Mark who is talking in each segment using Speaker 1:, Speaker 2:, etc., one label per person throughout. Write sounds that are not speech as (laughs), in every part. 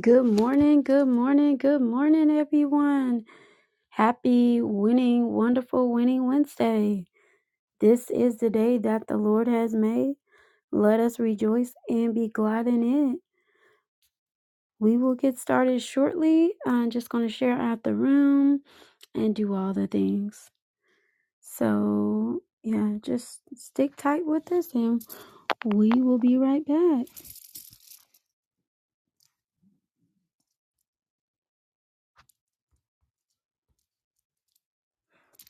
Speaker 1: Good morning, good morning, good morning, everyone. Happy winning, wonderful winning Wednesday. This is the day that the Lord has made. Let us rejoice and be glad in it. We will get started shortly. I'm just going to share out the room and do all the things. So, yeah, just stick tight with us and we will be right back.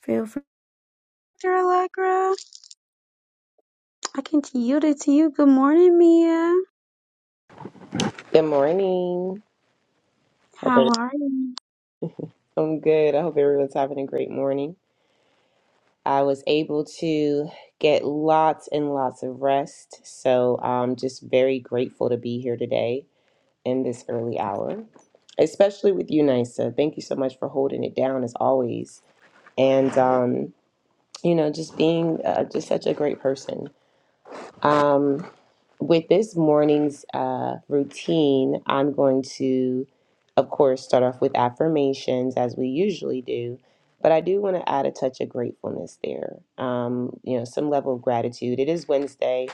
Speaker 1: Feel free, Dr. Allegra. I can yield it to you. Good morning, Mia.
Speaker 2: Good morning. Hope
Speaker 1: How
Speaker 2: everyone's
Speaker 1: are you?
Speaker 2: doing good. I hope everyone's having a great morning. I was able to get lots and lots of rest, so I'm just very grateful to be here today in this early hour, especially with you, Nisa. Thank you so much for holding it down as always, and um, you know, just being uh, just such a great person. Um, with this morning's uh, routine, I'm going to, of course, start off with affirmations as we usually do, but I do want to add a touch of gratefulness there. Um, you know, some level of gratitude. It is Wednesday.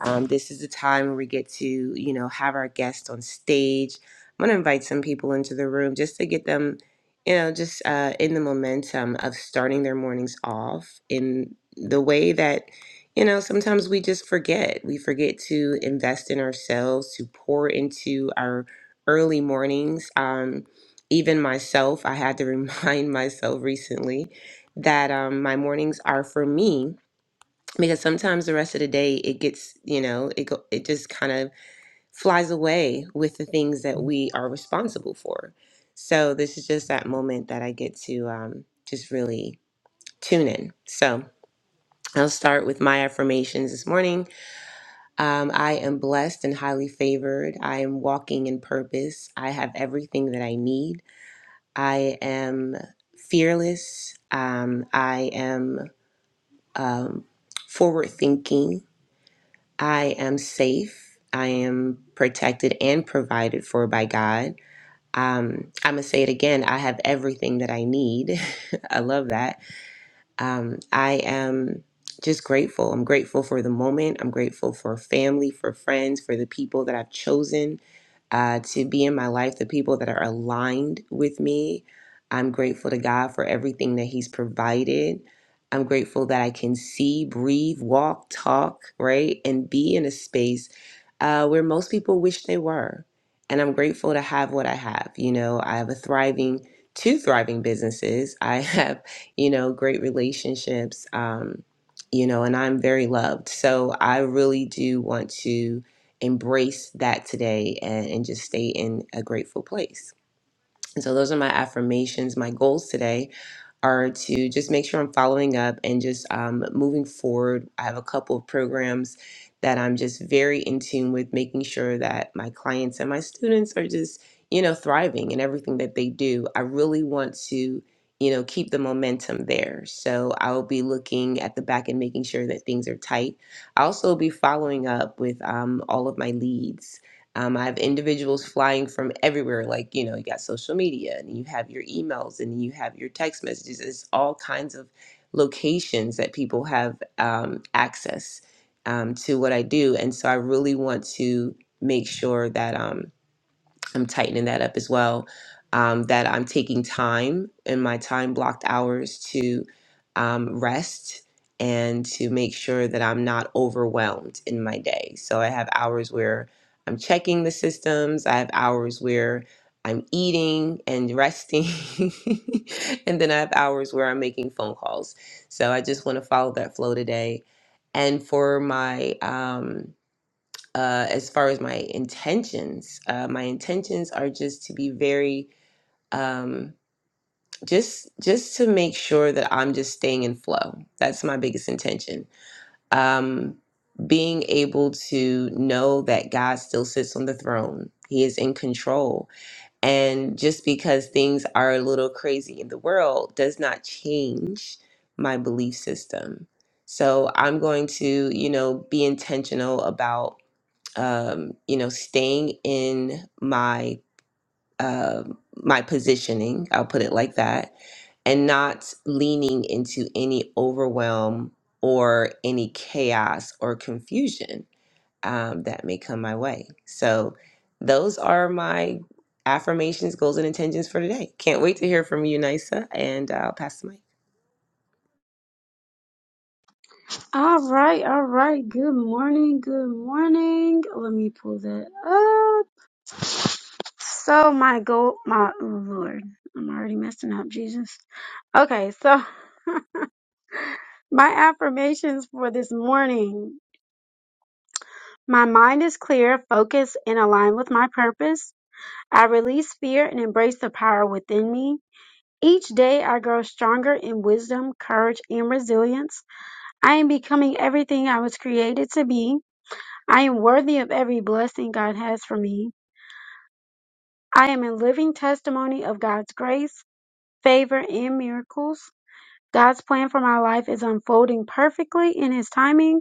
Speaker 2: Um, this is the time where we get to, you know, have our guests on stage. I'm going to invite some people into the room just to get them, you know, just uh, in the momentum of starting their mornings off in the way that you know, sometimes we just forget. We forget to invest in ourselves, to pour into our early mornings. Um, even myself, I had to (laughs) remind myself recently that um, my mornings are for me because sometimes the rest of the day it gets, you know, it go, it just kind of flies away with the things that we are responsible for. So this is just that moment that I get to um, just really tune in. So I'll start with my affirmations this morning. Um, I am blessed and highly favored. I am walking in purpose. I have everything that I need. I am fearless. Um, I am um, forward thinking. I am safe. I am protected and provided for by God. Um, I'm going to say it again I have everything that I need. (laughs) I love that um, I am just grateful. I'm grateful for the moment. I'm grateful for family, for friends, for the people that I've chosen uh, to be in my life, the people that are aligned with me. I'm grateful to God for everything that He's provided. I'm grateful that I can see, breathe, walk, talk, right? And be in a space uh, where most people wish they were. And I'm grateful to have what I have. You know, I have a thriving, two thriving businesses. (laughs) I have you know, great relationships, um, you know, and I'm very loved. So I really do want to embrace that today and, and just stay in a grateful place. And so those are my affirmations, my goals today are to just make sure I'm following up and just um, moving forward. I have a couple of programs that I'm just very in tune with, making sure that my clients and my students are just, you know, thriving in everything that they do. I really want to, you know, keep the momentum there. So I'll be looking at the back and making sure that things are tight. I'll also be following up with um, all of my leads. Um, I have individuals flying from everywhere. Like, you know, you got social media and you have your emails and you have your text messages. It's all kinds of locations that people have um, access um, to what I do. And so I really want to make sure that. um, I'm tightening that up as well. Um, that I'm taking time in my time blocked hours to um, rest and to make sure that I'm not overwhelmed in my day. So I have hours where I'm checking the systems, I have hours where I'm eating and resting, (laughs) and then I have hours where I'm making phone calls. So I just want to follow that flow today. And for my, um, uh, as far as my intentions. Uh, my intentions are just to be very um, just just to make sure that I'm just staying in flow. That's my biggest intention. Um, being able to know that God still sits on the throne. He is in control. And just because things are a little crazy in the world does not change my belief system. So I'm going to, you know, be intentional about um, you know, staying in my uh, my positioning. I'll put it like that, and not leaning into any overwhelm or any chaos or confusion um, that may come my way. So, those are my affirmations, goals, and intentions for today. Can't wait to hear from you, Nisa, and I'll pass the mic.
Speaker 1: All right, all right. Good morning, good morning. Let me pull that up. So my goal, my oh Lord, I'm already messing up, Jesus. Okay, so my affirmations for this morning. My mind is clear, focused, and aligned with my purpose. I release fear and embrace the power within me. Each day I grow stronger in wisdom, courage, and resilience. I am becoming everything I was created to be. I am worthy of every blessing God has for me. I am a living testimony of God's grace, favor, and miracles. God's plan for my life is unfolding perfectly in His timing.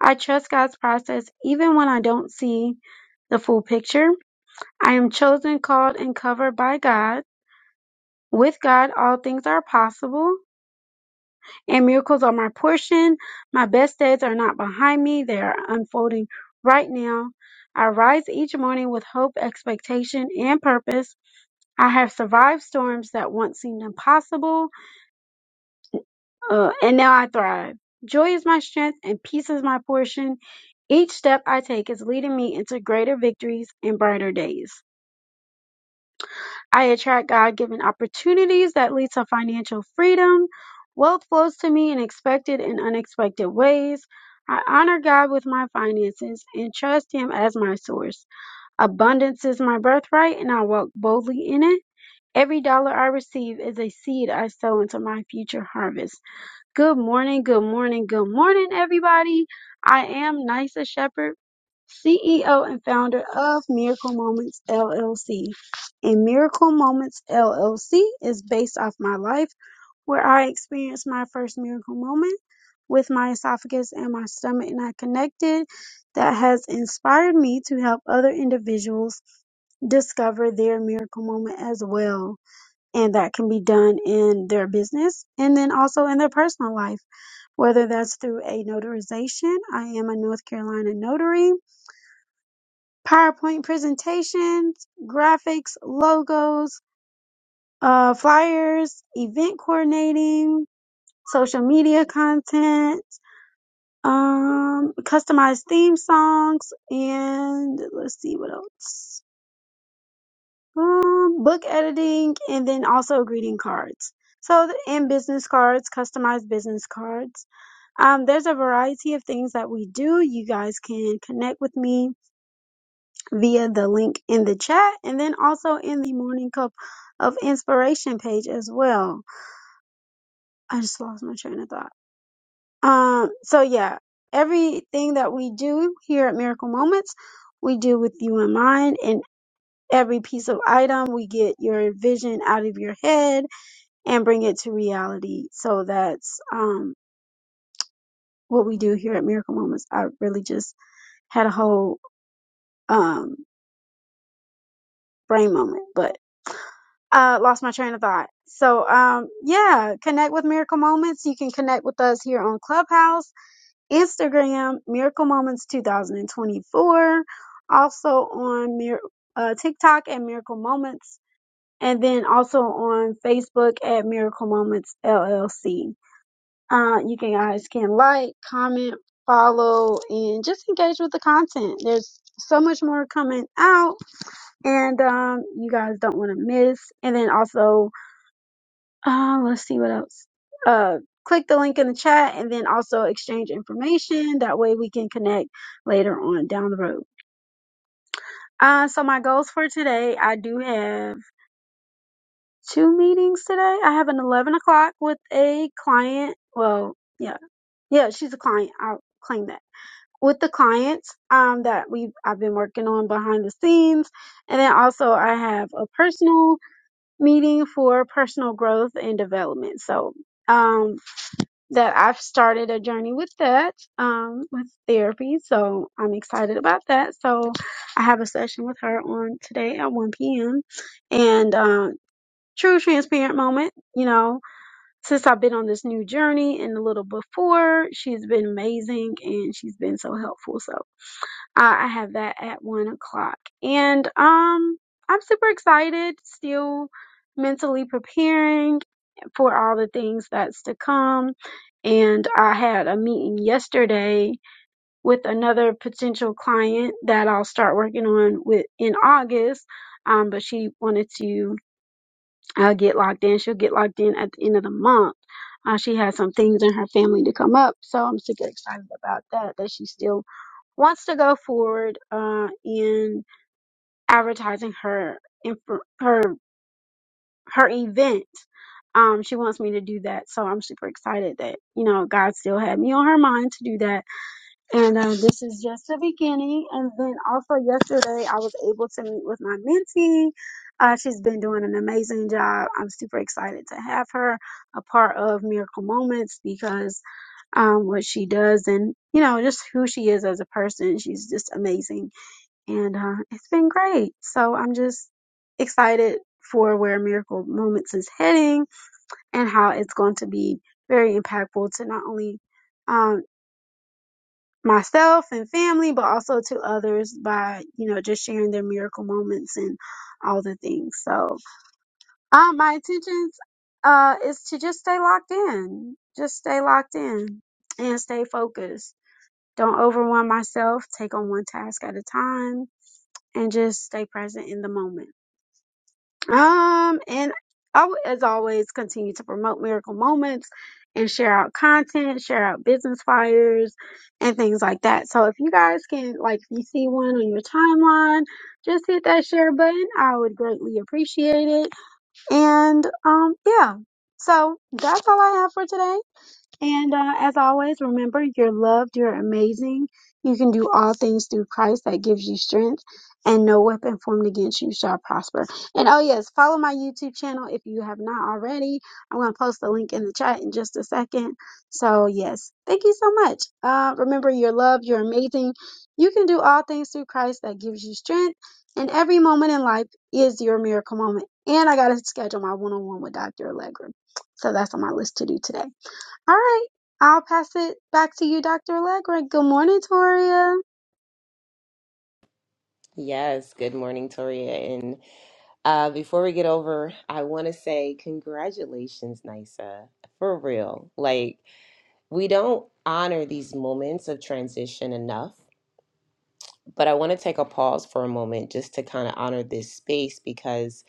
Speaker 1: I trust God's process even when I don't see the full picture. I am chosen, called, and covered by God. With God, all things are possible. and miracles are my portion. My best days are not behind me, they are unfolding right now. I rise each morning with hope, expectation, and purpose. I have survived storms that once seemed impossible, uh, and now I thrive. Joy is my strength, and peace is my portion. Each step I take is leading me into greater victories and brighter days. I attract God given opportunities that lead to financial freedom. Wealth flows to me in expected and unexpected ways. I honor God with my finances and trust Him as my source. Abundance is my birthright, and I walk boldly in it. Every dollar I receive is a seed I sow into my future harvest. Good morning, good morning, good morning, everybody. I am Nisa Shepherd, CEO and founder of Miracle Moments LLC. And Miracle Moments LLC is based off my life where I experienced my first miracle moment with my esophagus and my stomach not connected that has inspired me to help other individuals discover their miracle moment as well. And that can be done in their business and then also in their personal life whether that's through a notarization, I am a North Carolina notary, PowerPoint presentations, graphics, logos, uh, flyers, event coordinating, social media content, um, customized theme songs, and let's see what else. Um, book editing, and then also greeting cards. So, and business cards, customized business cards. Um, there's a variety of things that we do. You guys can connect with me via the link in the chat and then also in the Morning Cup of Inspiration page as well. I just lost my train of thought. Um, so yeah, everything that we do here at Miracle Moments, we do with you in mind and every piece of item we get your vision out of your head and bring it to reality. So that's um what we do here at Miracle Moments. I really just had a whole um brain moment, but I lost my train of thought. So, um, yeah, connect with Miracle Moments. You can connect with us here on Clubhouse, Instagram, Miracle Moments 2024, also on Mir- uh, TikTok at Miracle Moments, and then also on Facebook at Miracle Moments LLC. Uh, you can guys can like, comment, follow, and just engage with the content. There's so much more coming out and um, you guys don't want to miss. And then also, uh, let's see what else. Uh, click the link in the chat, and then also exchange information. That way, we can connect later on down the road. Uh, so my goals for today, I do have two meetings today. I have an eleven o'clock with a client. Well, yeah, yeah, she's a client. I'll claim that with the clients um, that we I've been working on behind the scenes. And then also I have a personal meeting for personal growth and development. So um that I've started a journey with that um with therapy. So I'm excited about that. So I have a session with her on today at 1 p.m. and um true transparent moment, you know, since I've been on this new journey and a little before, she's been amazing and she's been so helpful. So uh, I have that at one o'clock. And um I'm super excited, still mentally preparing for all the things that's to come. And I had a meeting yesterday with another potential client that I'll start working on with in August. Um, but she wanted to uh, get locked in. She'll get locked in at the end of the month. Uh, she has some things in her family to come up, so I'm super excited about that. That she's still wants to go forward uh, in advertising her inf- her her event. Um, she wants me to do that, so I'm super excited that you know God still had me on her mind to do that. And uh, this is just the beginning. And then also yesterday, I was able to meet with my mentee. Uh, she's been doing an amazing job. I'm super excited to have her a part of Miracle Moments because um, what she does and you know just who she is as a person, she's just amazing and uh, it's been great. So I'm just excited for where Miracle Moments is heading and how it's going to be very impactful to not only um, myself and family, but also to others by you know just sharing their miracle moments and all the things. So uh, my intentions uh, is to just stay locked in, just stay locked in and stay focused. Don't overwhelm myself. Take on one task at a time and just stay present in the moment. Um, and I would, as always, continue to promote miracle moments and share out content, share out business flyers and things like that. So if you guys can, like, if you see one on your timeline, just hit that share button. I would greatly appreciate it. And, um, yeah. So that's all I have for today. And uh, as always, remember you're loved, you're amazing. You can do all things through Christ that gives you strength, and no weapon formed against you shall prosper. And oh, yes, follow my YouTube channel if you have not already. I'm going to post the link in the chat in just a second. So, yes, thank you so much. Uh, remember, you're loved, you're amazing. You can do all things through Christ that gives you strength, and every moment in life is your miracle moment. And I got to schedule my one on one with Dr. Allegra. So, that's on my list to do today. All right. I'll pass it back to you, Dr. Allegra. Good morning, Toria.
Speaker 2: Yes, good morning, Toria, and Uh, before we get over, I want to say congratulations, Nisa. For real. Like, we don't honor these moments of transition enough, but I want to take a pause for a moment just to kind of honor this space because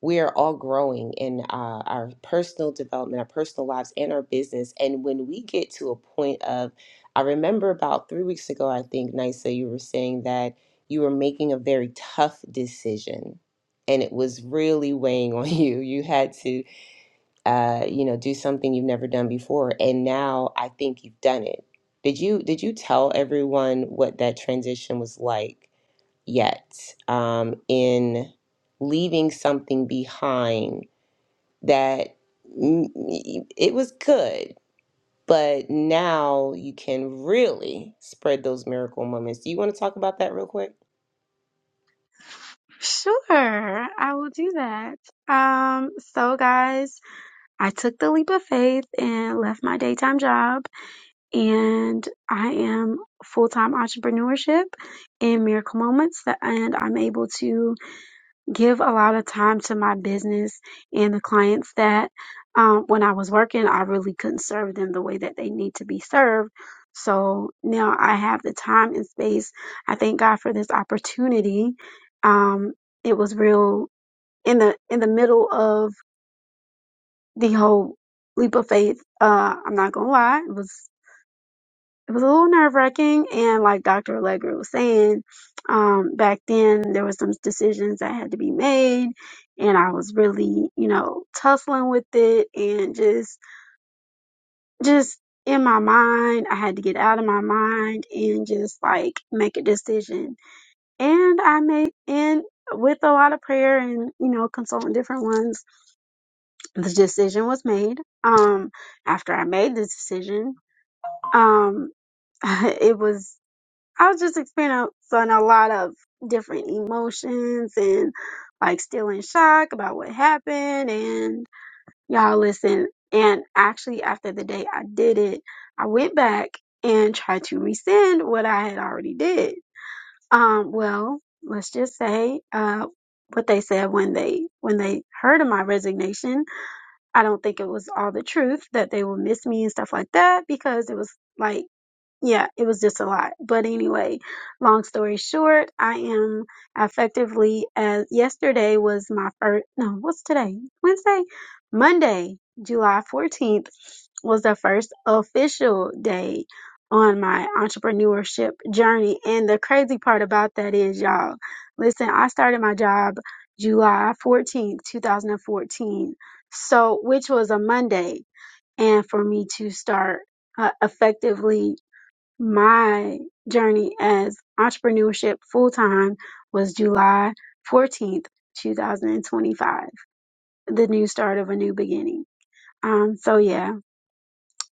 Speaker 2: we are all growing in uh, our personal development, our personal lives, and our business. And when we get to a point of, I remember about three weeks ago, I think, Nisa, you were saying that you were making a very tough decision and it was really weighing (laughs) on you. You had to, uh, you know, do something you've never done before. And now I think you've done it. Did you did you tell everyone what that transition was like? yet um, in leaving something behind that mm, it was good, but now you can really spread those miracle moments. Do you want to talk about that real quick?
Speaker 1: Sure, I will do that. Um, so guys, I took the leap of faith and left my daytime job and I am full-time entrepreneurship in Miracle Moments and I'm able to give a lot of time to my business and the clients that um, when I was working, I really couldn't serve them the way that they need to be served. So now I have the time and space. I thank God for this opportunity. Um, it was real in the in the middle of the whole leap of faith. Uh, I'm not gonna lie, it was it was a little nerve wracking. And like Dr. Allegra was saying, um, back then there were some decisions that had to be made and I was really, you know, tussling with it and just, just in my mind, I had to get out of my mind and just like make a decision. And I made, and with a lot of prayer and, you know, consulting different ones, the decision was made. Um, after I made the decision, um, (laughs) it was I was just experiencing a lot of different emotions and like still in shock about what happened. And y'all listen. And actually, after the day I did it, I went back and tried to rescind what I had already did. Um, well, let's just say, uh, what they said when they when they heard of my resignation, I don't think it was all the truth that they would miss me and stuff like that because it was like yeah, it was just a lot. But anyway, long story short, I am effectively as yesterday was my first, no, what's today? Wednesday? Monday, July 14th was the first official day on my entrepreneurship journey. And the crazy part about that is, y'all, listen, I started my job July 14th, 2014. So, which was a Monday. And for me to start uh, effectively my journey as entrepreneurship full time was July 14th, 2025, the new start of a new beginning. Um, so yeah,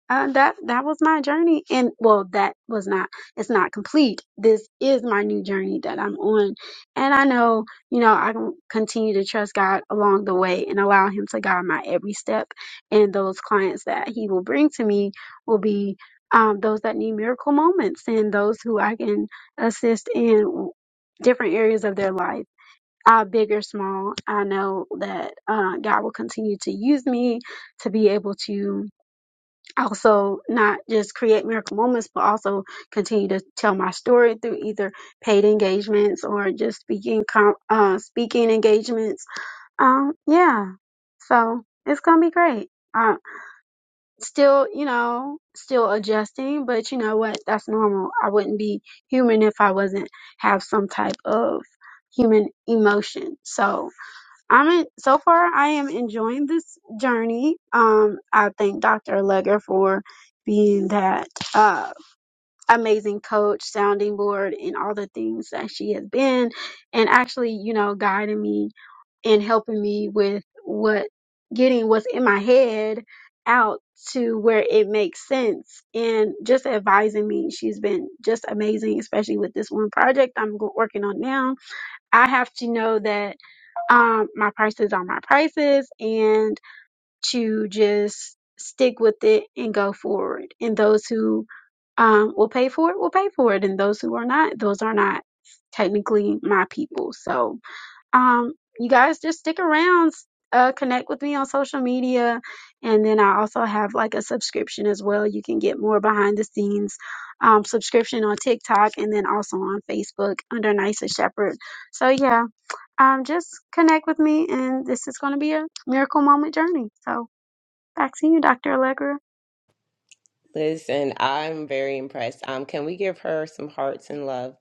Speaker 1: uh, that that was my journey and well that was not it's not complete this is my new journey that i'm on and i know you know i can continue to trust god along the way and allow him to guide my every step and those clients that he will bring to me will be um, those that need miracle moments and those who i can assist in different areas of their life uh, big or small i know that uh, god will continue to use me to be able to also not just create miracle moments, but also continue to tell my story through either paid engagements or just speaking com- uh, speaking engagements. Um, yeah, so it's gonna be great. Uh, still, you know, still adjusting, but you know what? That's normal. I wouldn't be human if I wasn't have some type of human emotion. So, I'm in, so far I am enjoying this journey. Um, I thank Dr. Legger for being that uh, amazing coach, sounding board, and all the things that she has been, and actually, you know, guiding me and helping me with what getting what's in my head out to where it makes sense and just advising me. She's been just amazing, especially with this one project I'm go- working on now. I have to know that um, my prices are my prices and to just stick with it and go forward. And those who um, will pay for it will pay for it. And those who are not, those are not technically my people. So um, you guys just stick around. Uh, connect with me on social media and then i also have like a subscription as well you can get more behind the scenes um, subscription on tiktok and then also on facebook under nisa shepherd so yeah um, just connect with me, and this is going to be a miracle moment journey. So back to you, Dr. Allegra.
Speaker 2: Listen, I'm very impressed. Um, can we give her some hearts and love?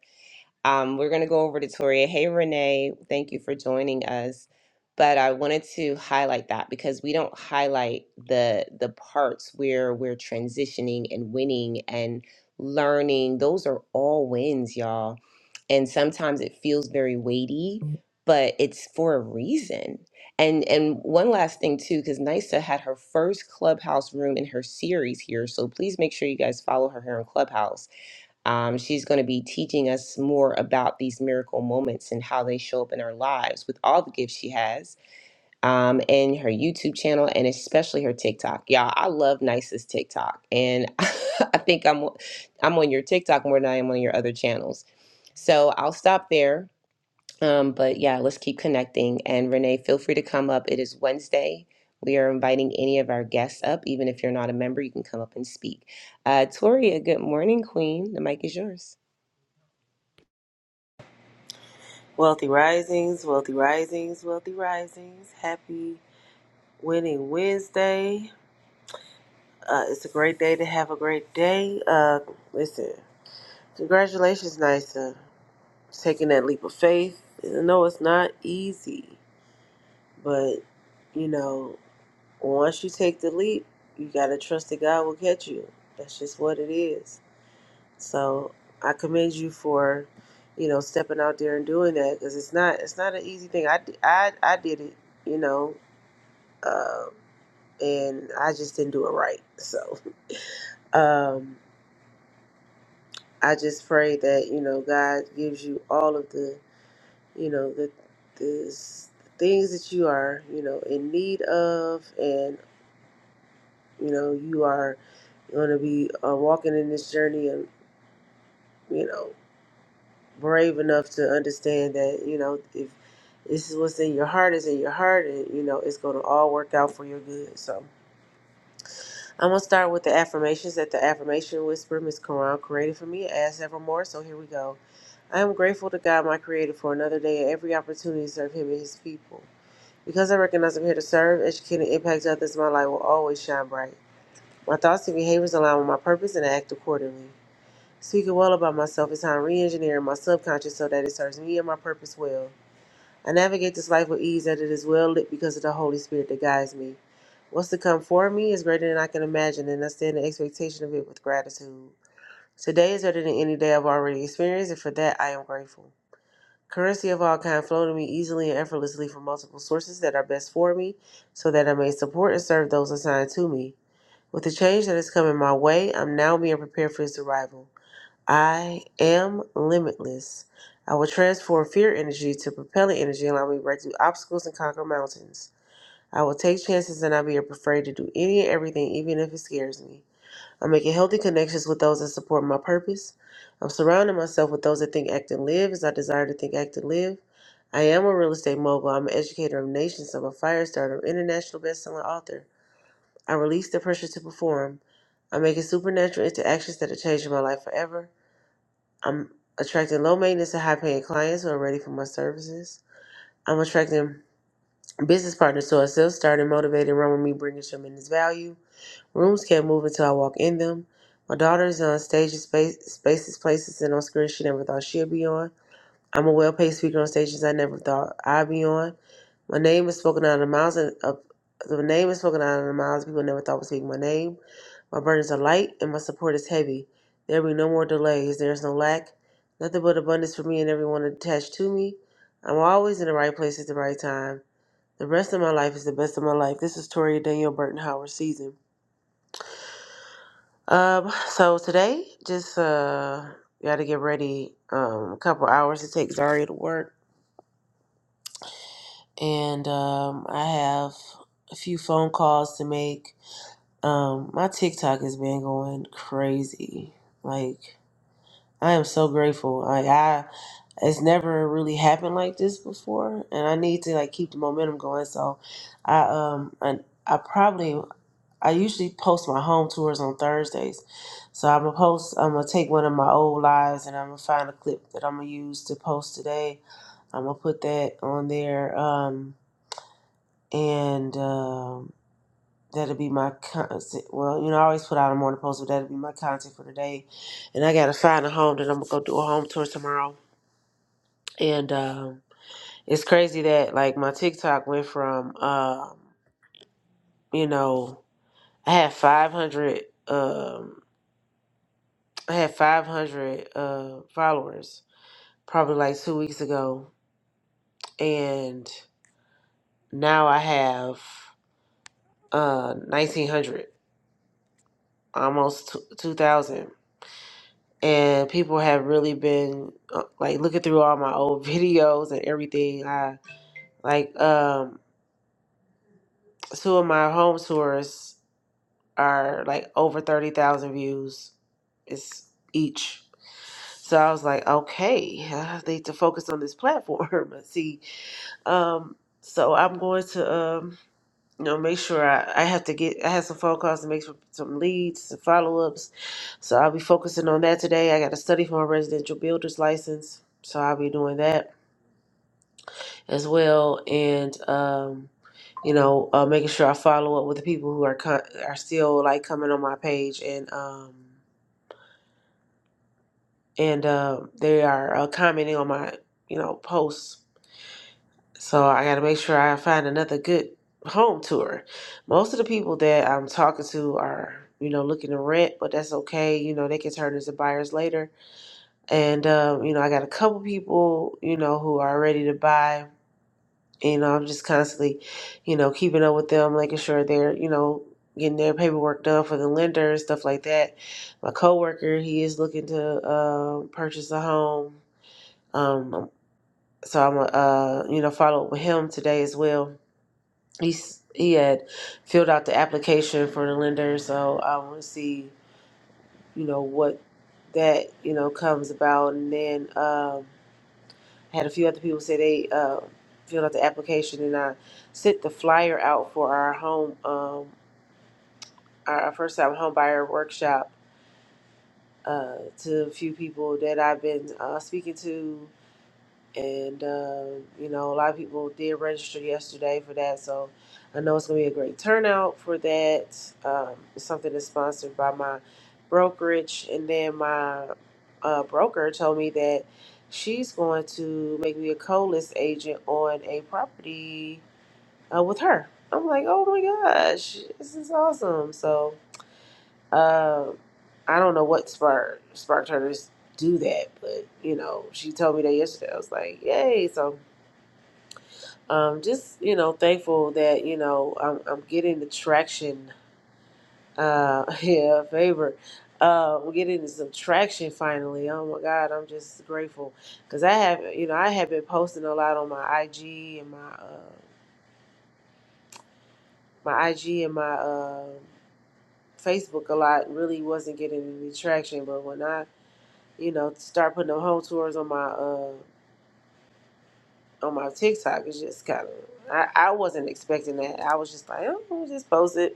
Speaker 2: Um, we're going to go over to Toria. Hey, Renee, thank you for joining us. But I wanted to highlight that because we don't highlight the the parts where we're transitioning and winning and learning. Those are all wins, y'all. And sometimes it feels very weighty, but it's for a reason. And and one last thing too, because Nisa had her first clubhouse room in her series here. So please make sure you guys follow her here on Clubhouse um, she's going to be teaching us more about these miracle moments and how they show up in our lives with all the gifts she has um, and her YouTube channel and especially her TikTok. Y'all, I love Nice's TikTok, and (laughs) I think I'm I'm on your TikTok more than I am on your other channels. So I'll stop there. Um, but yeah, let's keep connecting. And Renee, feel free to come up. It is Wednesday. We are inviting any of our guests up. Even if you're not a member, you can come up and speak. Uh, Toria, good morning, Queen. The mic is yours.
Speaker 3: Wealthy Risings, Wealthy Risings, Wealthy Risings. Happy Winning Wednesday. Uh, it's a great day to have a great day. Uh, listen, congratulations, Nisa. Taking that leap of faith. I know it's not easy, but you know, once you take the leap, you got to trust that God will catch you. That's just what it is. So I commend you for, you know, stepping out there and doing that because it's not it's not an easy thing. I, d- I, I did it, you know, um, and I just didn't do it right. So um, I just pray that you know God gives you all of the you know the the s- things that you are you know in need of, and you know you are going to be uh, walking in this journey, and you know brave enough to understand that you know if this is what's in your heart is in your heart, and you know it's going to all work out for your good. So I'm gonna start with the affirmations that the affirmation whisper Miss Quran created for me I asked several more, So here we go. I am grateful to God, my Creator, for another day and every opportunity to serve Him and His people. Because I recognize I'm here to serve, educate, and impact others, my light will always shine bright. My thoughts and behaviors align with my purpose and I act accordingly. Speaking well about myself is how I'm re-engineering my subconscious so that it serves me and my purpose well. I navigate this life with ease that it is well lit because of the Holy Spirit that guides me. What's to come for me is greater than I can imagine, and I stand in expectation of it with gratitude. Today is better than any day I've already experienced, and for that I am grateful. Currency of all kind flow to me easily and effortlessly from multiple sources that are best for me, so that I may support and serve those assigned to me. With the change that is coming my way, I'm now being prepared for its arrival. I am limitless. I will transform fear energy to propellant energy, and allow me to break through obstacles and conquer mountains. I will take chances and not be afraid to do any and everything, even if it scares me. I'm making healthy connections with those that support my purpose. I'm surrounding myself with those that think, act, and live as I desire to think, act, and live. I am a real estate mogul. I'm an educator of nations. I'm a fire starter, international best-selling author. I release the pressure to perform. I'm making supernatural interactions that are changing my life forever. I'm attracting low maintenance and high paying clients who are ready for my services. I'm attracting business partners to self starting motivated and run with me, bringing tremendous value. Rooms can't move until I walk in them. My daughter is on stages, space, spaces, places, and on screens she never thought she'd be on. I'm a well paid speaker on stages I never thought I'd be on. My name is spoken out of the mouths of, of the name is spoken out of the mouths people never thought was speaking my name. My burdens are light and my support is heavy. There be no more delays. There is no lack. Nothing but abundance for me and everyone attached to me. I'm always in the right place at the right time. The rest of my life is the best of my life. This is Toria Daniel Burton Howard season. Um, so today, just uh, got to get ready. Um, a couple hours to take Zaria to work, and um, I have a few phone calls to make. Um, my TikTok has been going crazy, like. I am so grateful. Like I, it's never really happened like this before, and I need to like keep the momentum going. So, I um, I, I probably I usually post my home tours on Thursdays, so I'm gonna post. I'm gonna take one of my old lives, and I'm gonna find a clip that I'm gonna use to post today. I'm gonna put that on there, um, and um, that'll be my content. Well, you know, I always put out a morning post, but that'll be my content for today. And I gotta find a home that I'm gonna go do a home tour tomorrow and um, it's crazy that like my TikTok went from um, you know, I had 500 um I had 500 uh followers probably like 2 weeks ago and now I have uh 1900 almost 2000 and people have really been uh, like looking through all my old (laughs) videos and everything. I like um two of my home tours are like over 30,000 views is each. So I was like, okay, yeah, I need to focus on this platform. (laughs) let see, um, so I'm going to, um, you know, make sure I, I have to get, I have some phone calls to make some, some leads, some follow-ups. So I'll be focusing on that today. I got to study for my residential builder's license. So I'll be doing that as well. And, um, you know, uh, making sure I follow up with the people who are, co- are still like coming on my page and, um, and uh, they are uh, commenting on my you know posts so i gotta make sure i find another good home tour most of the people that i'm talking to are you know looking to rent but that's okay you know they can turn into buyers later and um, you know i got a couple people you know who are ready to buy you know i'm just constantly you know keeping up with them making sure they're you know getting their paperwork done for the lender and stuff like that my coworker he is looking to um purchase a home um, so I'm gonna, uh, you know, follow up with him today as well. He's he had filled out the application for the lender, so I want to see, you know, what that you know comes about. And then um, had a few other people say they uh, filled out the application, and I sent the flyer out for our home, um, our our first time home buyer workshop uh, to a few people that I've been uh, speaking to and um, you know a lot of people did register yesterday for that so i know it's going to be a great turnout for that um, it's something that's sponsored by my brokerage and then my uh, broker told me that she's going to make me a co-list agent on a property uh, with her i'm like oh my gosh this is awesome so uh, i don't know what spark spark turners do that but you know she told me that yesterday i was like yay so um, just you know thankful that you know I'm, I'm getting the traction uh (laughs) yeah favor uh we're getting some traction finally oh my god i'm just grateful because i have you know i have been posting a lot on my ig and my uh my ig and my uh facebook a lot really wasn't getting any traction but when i you know start putting them home tours on my uh on my tiktok it's just kind of I, I wasn't expecting that i was just like oh just post it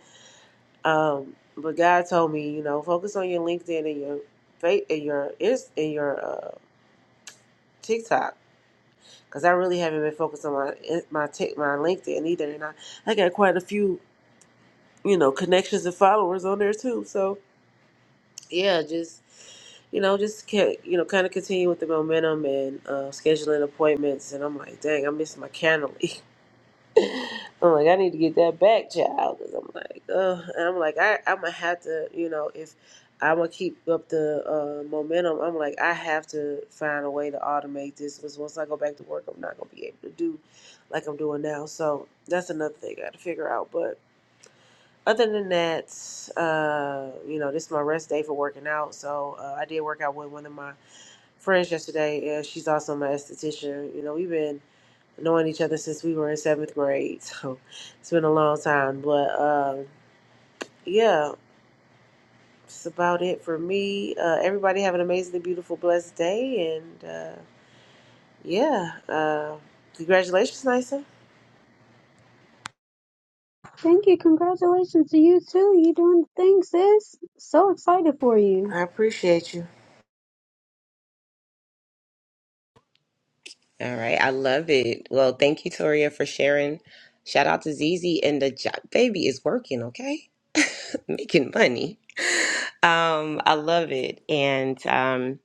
Speaker 3: Um, but God told me, you know, focus on your LinkedIn and your fa and your is and your uh, TikTok because I really haven't been focused on my in- my tick my LinkedIn either, and I I got quite a few you know connections and followers on there too. So yeah, just you know, just can you know kind of continue with the momentum and uh, scheduling appointments, and I'm like, dang, I miss my calendar. (laughs) I'm like, I need to get that back, child. Cause I'm like, uh, and I'm like, I, I'm gonna have to, you know, if I'm gonna keep up the uh, momentum, I'm like, I have to find a way to automate this. Cause once I go back to work, I'm not gonna be able to do like I'm doing now. So that's another thing I got to figure out. But other than that, uh, you know, this is my rest day for working out. So uh, I did work out with one of my friends yesterday, and she's also my esthetician. You know, we've been knowing each other since we were in seventh grade. (laughs) So it's been a long time. But um, yeah, it's about it for me. Uh, everybody have an amazingly beautiful, blessed day. And uh, yeah, uh, congratulations, Nisa.
Speaker 1: Thank you. Congratulations to you too. You doing the thing, sis. So excited for you.
Speaker 3: I appreciate you.
Speaker 2: All right, I love it. Well, thank you, Toria, for sharing. Shout out to Zizi and the job. Baby is working, okay? (laughs) Making money. Um, I love it. And um,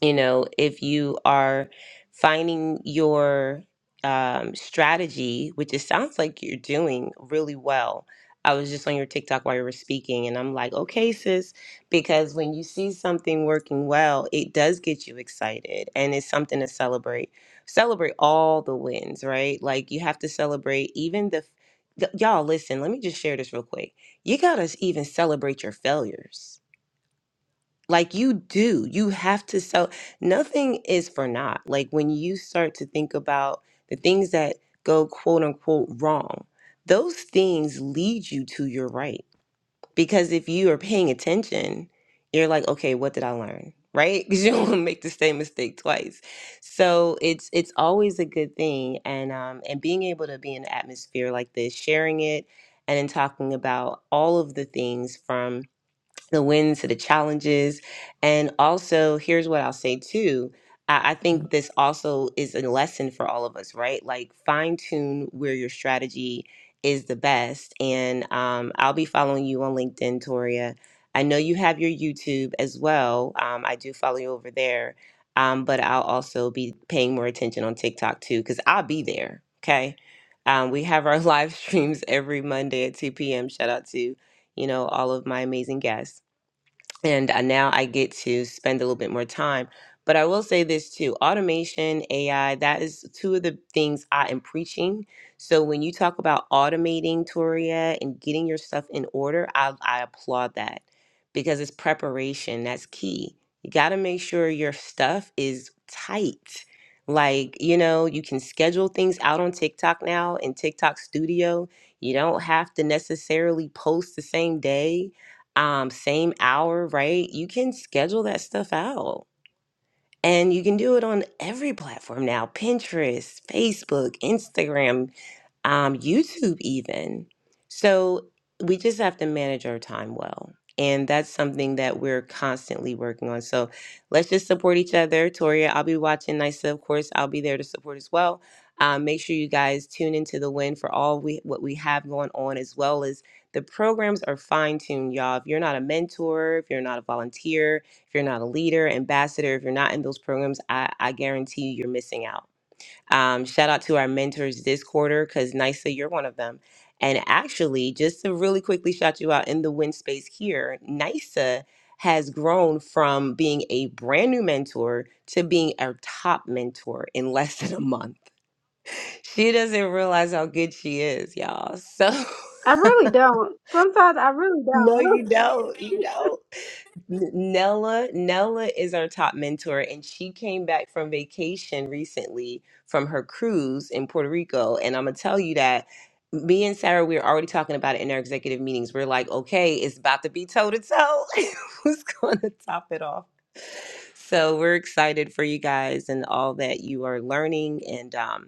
Speaker 2: you know if you are finding your um, strategy which it sounds like you're doing really well i was just on your tiktok while you were speaking and i'm like okay sis because when you see something working well it does get you excited and it's something to celebrate celebrate all the wins right like you have to celebrate even the the- y'all listen let me just share this real quick you gotta even celebrate your failures like you do, you have to sell. Nothing is for naught. Like when you start to think about the things that go quote unquote wrong, those things lead you to your right. Because if you are paying attention, you're like, okay, what did I learn? Right? (laughs) Because you don't want to make the same mistake twice. So it's it's always a good thing. And um and being able to be in an atmosphere like this, sharing it and then talking about all of the things from the wins to the challenges. And also, here's what I'll say too. I I think this also is a lesson for all of us, right? Like fine tune where your strategy is the best. And um, I'll be following you on LinkedIn, Toria. I know you have your YouTube as well. Um, I do follow you over there. Um, but I'll also be paying more attention on TikTok too, because I'll be there. Okay. Um, we have our (laughs) live streams every Monday at 2 p.m. Shout out to, you know, all of my amazing guests and uh, now I get to spend a little bit more time. But I will say this too automation, AI, that is two of the things I am preaching. So when you talk about automating Toria and getting your stuff in order, I, I applaud that because it's preparation. That's key. You got to make sure your stuff is tight. Like, you know, you can schedule things out on TikTok now in TikTok Studio. You don't have to necessarily post the same day um, same hour, right? You can schedule that stuff out. And you can do it on every platform now Pinterest, Facebook, Instagram um, YouTube, even. So we just have to manage our time well. And that's something that we're constantly working on. So let's just support each other. Toria, I'll be watching NYSA, of course. I'll be there to support as well. Um, make sure you guys tune into the win for all we what we have going on, as well as the programs are fine tuned, y'all. If you're not a mentor, if you're not a volunteer, if you're not a leader, ambassador, if you're not in those programs, I, I guarantee you you're missing out um, shout out to our mentors this quarter because Nisa, you're one of them. And actually, just to really quickly shout you out in the win space here, Nisa has grown from being a brand new mentor to being a top mentor in (laughs) less than a month. She doesn't realize how good she is, y'all. So, (laughs)
Speaker 1: I really don't. Sometimes I really
Speaker 2: no,
Speaker 1: don't. (laughs)
Speaker 2: you don't. You don't. Nella, Nella is our top mentor, and she came back from vacation recently from her cruise in Puerto Rico. And I'm gonna tell you that me and Sarah, we were already talking about it in our executive meetings. We're like, okay, it's about to be toe to toe. (laughs) Who's gonna top it off? So we're excited for you guys and all that you are learning. And um,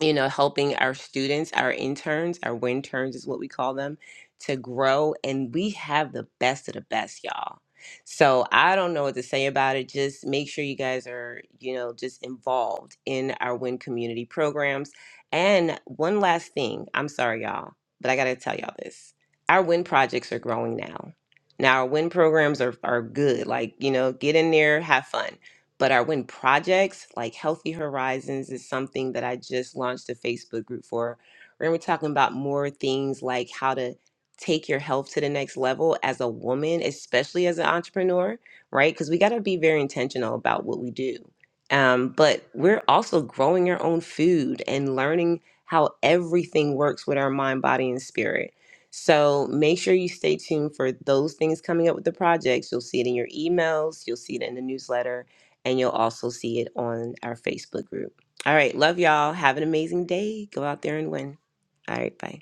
Speaker 2: you know, helping our students, our interns, our win turns is what we call them, to grow. And we have the best of the best, y'all. So I don't know what to say about it. Just make sure you guys are, you know, just involved in our win community programs. And one last thing, I'm sorry, y'all, but I got to tell y'all this. Our win projects are growing now. Now, our win programs are, are good. Like, you know, get in there, have fun but our win projects, like Healthy Horizons, is something that I just launched a Facebook group for. And we're talking about more things like how to take your health to the next level as a woman, especially as an entrepreneur, right? Because we got to be very intentional about what we do. Um, but we're also growing our own food and learning how everything works with our mind, body, and spirit. So make sure you stay tuned for those things coming up with the projects. You'll see it in your emails, you'll see it in the newsletter, and you'll also see it on our Facebook group. All right, love y'all. Have an amazing day. Go out there and win. All right, bye.